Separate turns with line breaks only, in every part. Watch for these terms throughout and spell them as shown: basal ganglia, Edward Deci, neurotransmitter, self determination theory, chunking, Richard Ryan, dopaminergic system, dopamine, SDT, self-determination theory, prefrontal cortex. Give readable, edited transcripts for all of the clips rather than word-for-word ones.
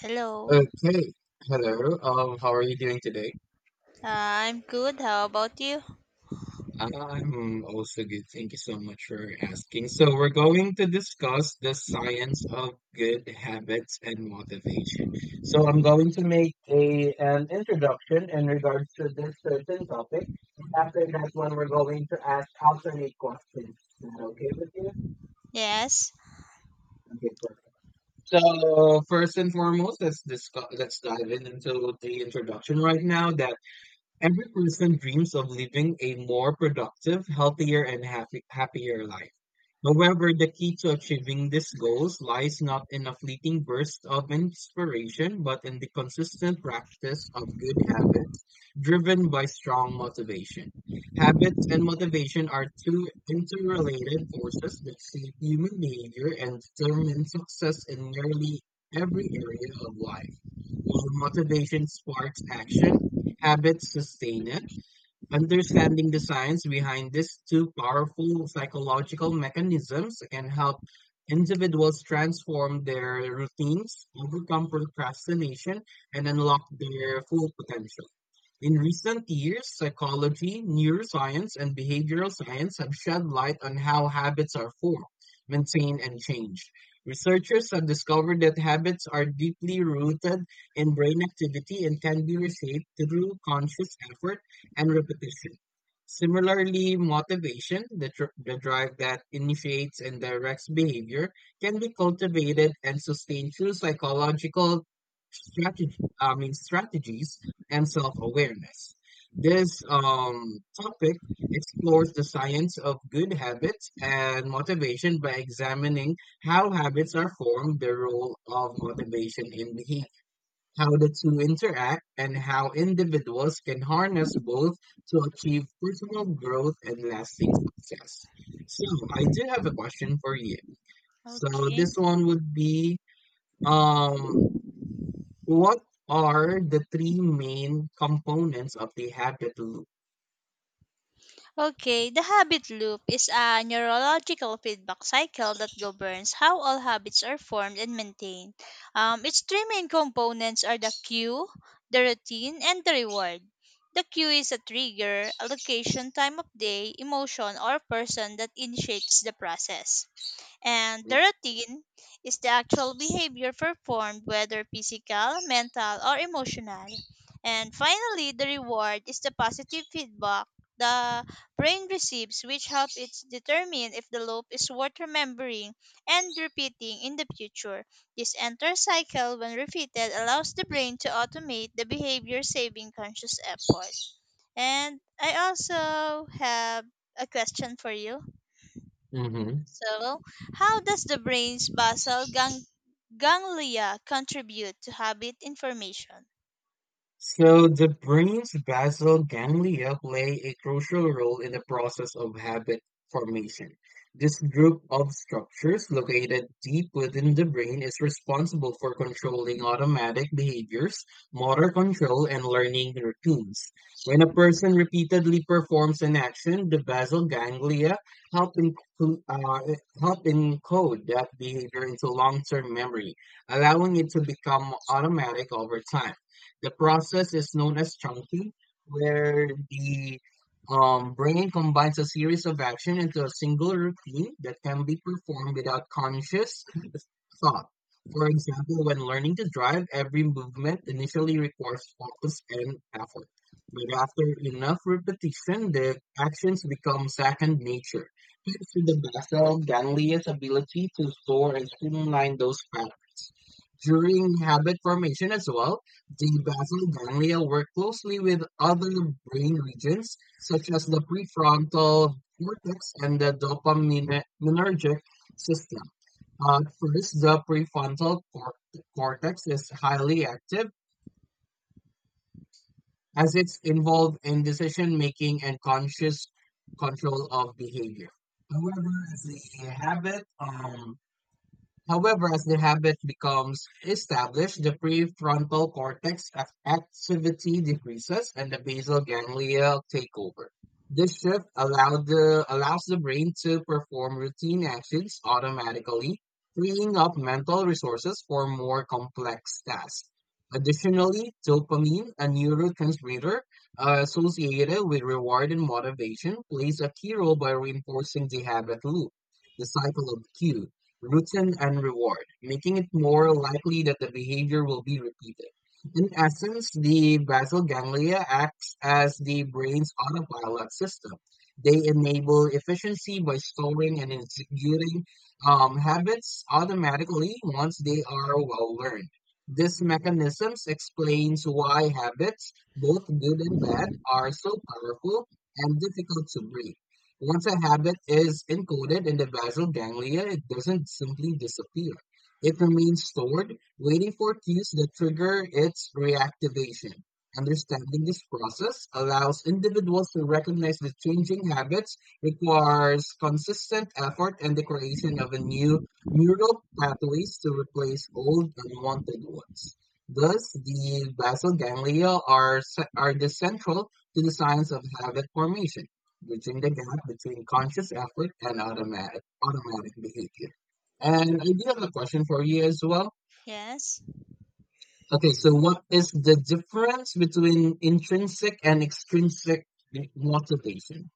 Hello.
Okay. Hello. How are you doing today?
Uh, I'm good. How about you?
I'm also good. Thank you so much for asking. So we're going to discuss the science of good habits and motivation. So I'm going to make a an introduction in regards to this certain topic. After that one, we're going to ask alternate questions. Is that okay with you?
Yes.
Okay, perfect. So first and foremost, let's dive in into the introduction right now. That Every person dreams of living a more productive, healthier, and happier life. However, the key to achieving these goals lies not in a fleeting burst of inspiration, but in the consistent practice of good habits driven by strong motivation. Habits and motivation are two interrelated forces that shape human behavior and determine success in nearly every area of life. While motivation sparks action, habits sustain it. Understanding the science behind these two powerful psychological mechanisms can help individuals transform their routines, overcome procrastination, and unlock their full potential. In recent years, psychology, neuroscience, and behavioral science have shed light on how habits are formed, maintained, and changed. Researchers have discovered that habits are deeply rooted in brain activity and can be reshaped through conscious effort and repetition. Similarly, motivation, the drive that initiates and directs behavior, can be cultivated and sustained through psychological strategies and self-awareness. This topic explores the science of good habits and motivation by examining how habits are formed, the role of motivation in behavior, how the two interact, and how individuals can harness both to achieve personal growth and lasting success. So, I do have a question for you. So,
Okay.
this one would be um what are the three main components of the habit loop?
Okay. The habit loop is a neurological feedback cycle that governs how all habits are formed and maintained. Its three main components are the cue, the routine, and the reward. The cue is a trigger, a location, time of day, emotion, or person that initiates the process. And the routine is the actual behavior performed, whether physical, mental, or emotional. And finally, the reward is the positive feedback the brain receives, which helps it determine if the loop is worth remembering and repeating in the future. This endless cycle, when repeated, allows the brain to automate the behavior saving conscious effort. And I also have a question for you.
Mhm.
So, how does the brain's ganglia contribute to habit information?
So the brain's basal ganglia play a crucial role in the process of habit formation. This group of structures located deep within the brain is responsible for controlling automatic behaviors, motor control, and learning routines. When a person repeatedly performs an action, the basal ganglia help, inclu- uh, help encode that behavior into long-term memory, allowing it to become automatic over time. The process is known as chunking, where the brain combines a series of actions into a single routine that can be performed without conscious thought. For example, when learning to drive, every movement initially requires focus and effort. But after enough repetition, the actions become second nature. Thanks to the basal ganglia's ability to store and streamline those patterns. During habit formation as well, the basal ganglia work closely with other brain regions such as the prefrontal cortex and the dopaminergic system. First, the cortex is highly active as it's involved in decision making and conscious control of behavior. However, as the habit However, as the habit becomes established, the prefrontal cortex activity decreases and the basal ganglia take over. This shift allowed the, allows the brain to perform routine actions automatically, freeing up mental resources for more complex tasks. Additionally, dopamine, a neurotransmitter associated with reward and motivation, plays a key role by reinforcing the habit loop, the cycle of cues routine and reward, making it more likely that the behavior will be repeated. In essence, the basal ganglia acts as the brain's autopilot system. They enable efficiency by storing and executing habits automatically once they are well learned. This mechanisms explains why habits, both good and bad, are so powerful and difficult to break. Once a habit is encoded in the basal ganglia, it doesn't simply disappear. It remains stored, waiting for cues that trigger its reactivation. Understanding this process allows individuals to recognize that changing habits requires consistent effort and the creation of a new neural pathways to replace old unwanted ones. Thus, the basal ganglia are, ce- are the central to the science of habit formation bridging the gap between conscious effort and automatic behavior. And I do have a question for you as well.
Yes.
Okay, so what is the difference between intrinsic and extrinsic motivation?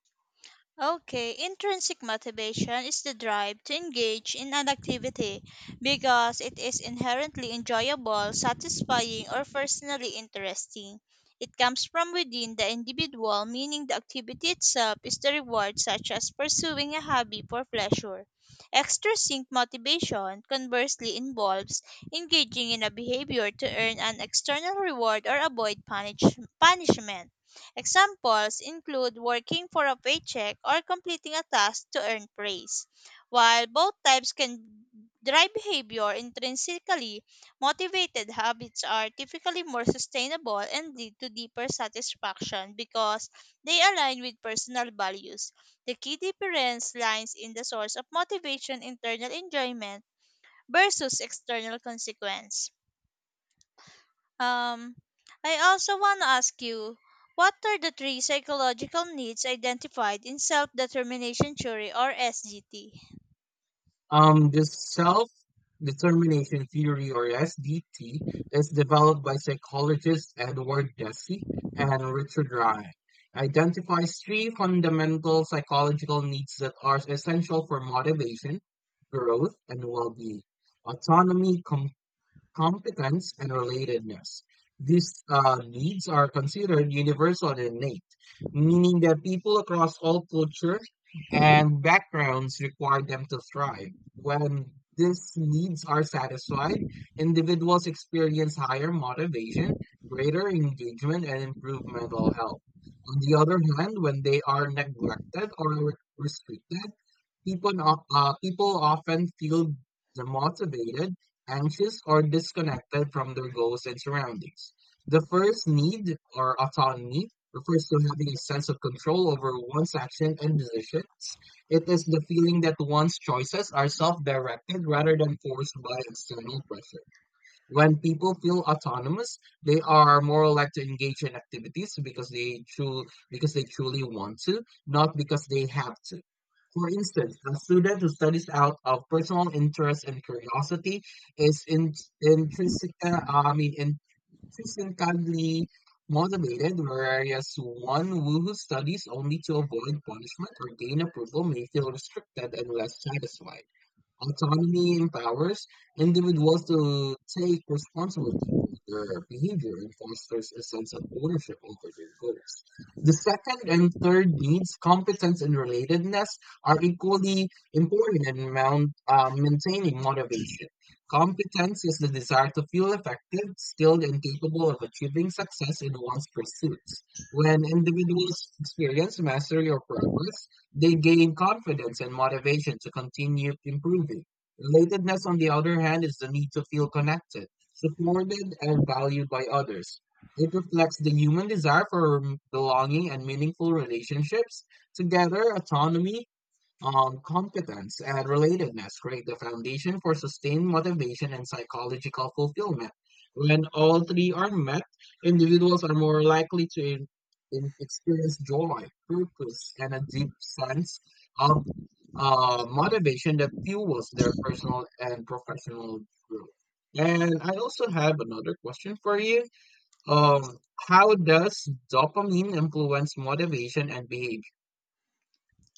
Okay, intrinsic motivation is the drive to engage in an activity because it is inherently enjoyable, satisfying, or personally interesting. It comes from within the individual, meaning the activity itself is the reward, such as pursuing a hobby for pleasure. Extrinsic motivation, conversely, involves engaging in a behavior to earn an external reward or avoid punishment. Examples include working for a paycheck or completing a task to earn praise. While both types can drive behavior intrinsically, motivated habits are typically more sustainable and lead to deeper satisfaction because they align with personal values. The key difference lies in the source of motivation internal enjoyment versus external consequence. Um, I also want to ask you what are the three psychological needs identified in self determination theory or SDT?
This self-determination theory, or SDT, is developed by psychologists Edward Deci and Richard Ryan. Identifies three fundamental psychological needs that are essential for motivation, growth, and well-being: autonomy, competence and relatedness. These needs are considered universal and innate, meaning that people across all culture and backgrounds require them to thrive. When these needs are satisfied, individuals experience higher motivation, greater engagement, and improved mental health. On the other hand, when they are neglected or restricted, People, no- people often feel demotivated, anxious, or disconnected from their goals and surroundings. The first need, or autonomy, refers to having a sense of control over one's action and decisions. It is the feeling that one's choices are self directed rather than forced by external pressure when people feel autonomous they are more like to engage in activities because they truly want to not because they have to for instance a student who studies out of personal interest and curiosity is in, intrinsic I mean intrinsically motivated whereas one who studies only to avoid punishment or gain approval may feel restricted and less satisfied. Autonomy empowers individuals to take responsibility for their behavior and fosters a sense of ownership over their goals. The second and third needs, competence and relatedness, are equally important in maintaining motivation. Competence is the desire to feel effective, skilled, and capable of achieving success in one's pursuits. When individuals experience mastery or progress, they gain confidence and motivation to continue improving. Relatedness, on the other hand, is the need to feel connected, supported, and valued by others. It reflects the human desire for belonging and meaningful relationships. Together, autonomy, competence and relatedness create the foundation for sustained motivation and psychological fulfillment. When all three are met, individuals are more likely to experience joy, purpose, and a deep sense of motivation that fuels their personal and professional growth. And I also have another question for you. Um, how does dopamine influence motivation and behavior?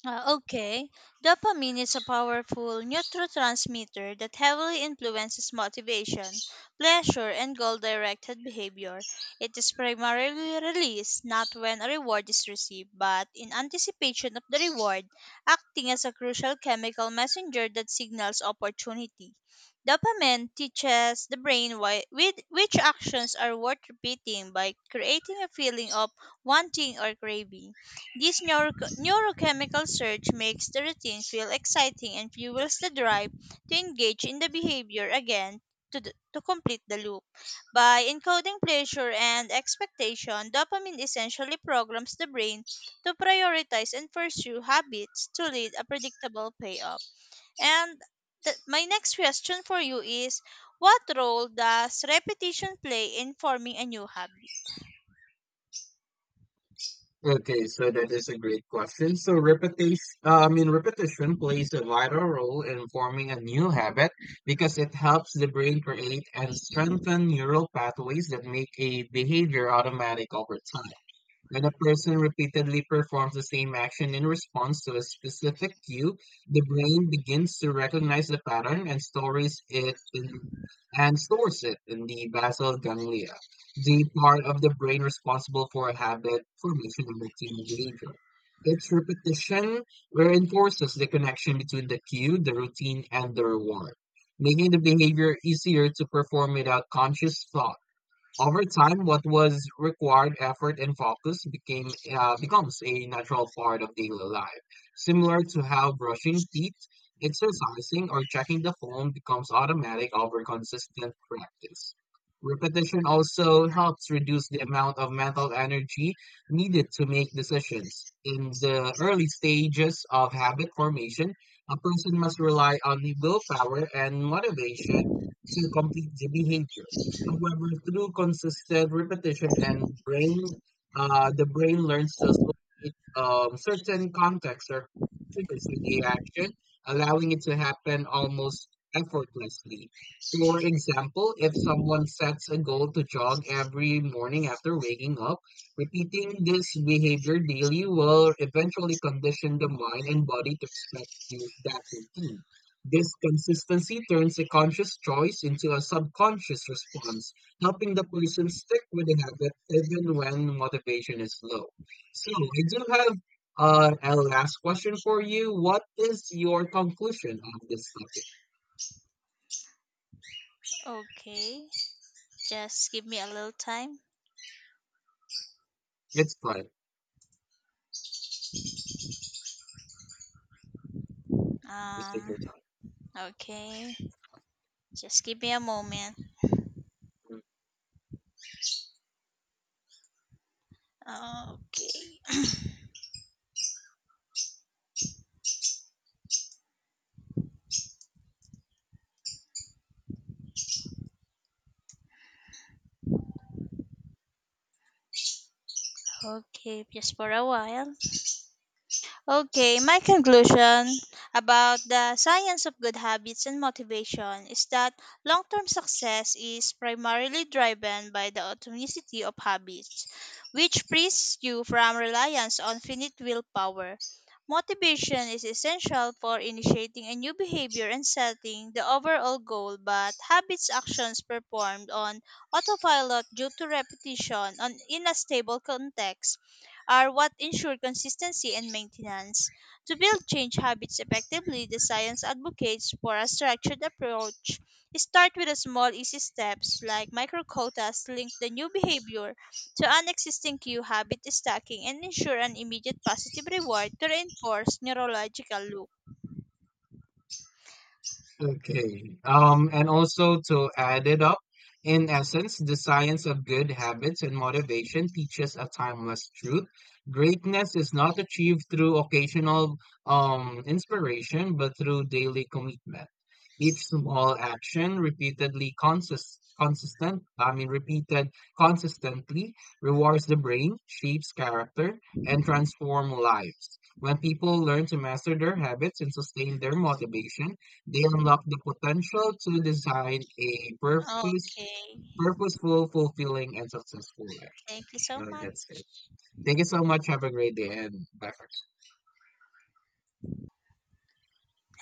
Okay, dopamine is a powerful neurotransmitter that heavily influences motivation, pleasure, and goal directed behavior. It is primarily released not when a reward is received, but in anticipation of the reward, acting as a crucial chemical messenger that signals opportunity. Dopamine teaches the brain which actions are worth repeating by creating a feeling of wanting or craving. This neurochemical surge makes the routine feel exciting and fuels the drive to engage in the behavior again to complete the loop. By encoding pleasure and expectation, dopamine essentially programs the brain to prioritize and pursue habits to lead a predictable payoff. And my next question for you is what role does repetition play in forming a new habit?
Okay, so that is a great question. So repetition plays a vital role in forming a new habit because it helps the brain create and strengthen neural pathways that make a behavior automatic over time. When a person repeatedly performs the same action in response to a specific cue, the brain begins to recognize the pattern and stores it in the basal ganglia, the part of the brain responsible for habit formation and routine behavior. Its repetition reinforces the connection between the cue, the routine, and the reward, making the behavior easier to perform without conscious thought. Over time, what was required effort and focus became becomes a natural part of daily life, similar to how brushing teeth, exercising, or checking the phone becomes automatic over consistent practice. Repetition also helps reduce the amount of mental energy needed to make decisions. In the early stages of habit formation, a person must rely on willpower and motivation to complete the behavior. However, through consistent repetition, the brain learns to associate certain contexts or triggers with the action, allowing it to happen almost effortlessly. For example, if someone sets a goal to jog every morning after waking up, repeating this behavior daily will eventually condition the mind and body to expect to that routine. This consistency turns a conscious choice into a subconscious response, helping the person stick with the habit even when motivation is low. So, I do have a last question for you. What is your conclusion of this topic?
Okay, just give me a little time.
It's fine. Just take
Um
your time.
Okay, just give me a moment. Okay, okay, just for a while. Okay, my conclusion about the science of good habits and motivation is that long term success is primarily driven by the autonicity of habits, which frees you from reliance on finite willpower. Motivation is essential for initiating a new behavior and setting the overall goal, but habits actions performed on autopilot due to repetition on in a stable context are what ensure consistency and maintenance. To build change habits effectively, the science advocates for a structured approach. Start with a small, easy steps like micro quotas, link the new behavior to an existing cue habit stacking, and ensure an immediate positive reward to reinforce neurological loop.
Okay. And also to add it up, in essence, the science of good habits and motivation teaches a timeless truth. Greatness is not achieved through occasional inspiration, but through daily commitment. Each small action repeatedly consist consistent, I mean repeated consistently rewards the brain, shapes character, and transform lives. When people learn to master their habits and sustain their motivation, they unlock the potential to design a
Okay,
purposeful, fulfilling, and successful life.
thank you so
So
much.
that's it. Thank you so much. Have a great day and bye for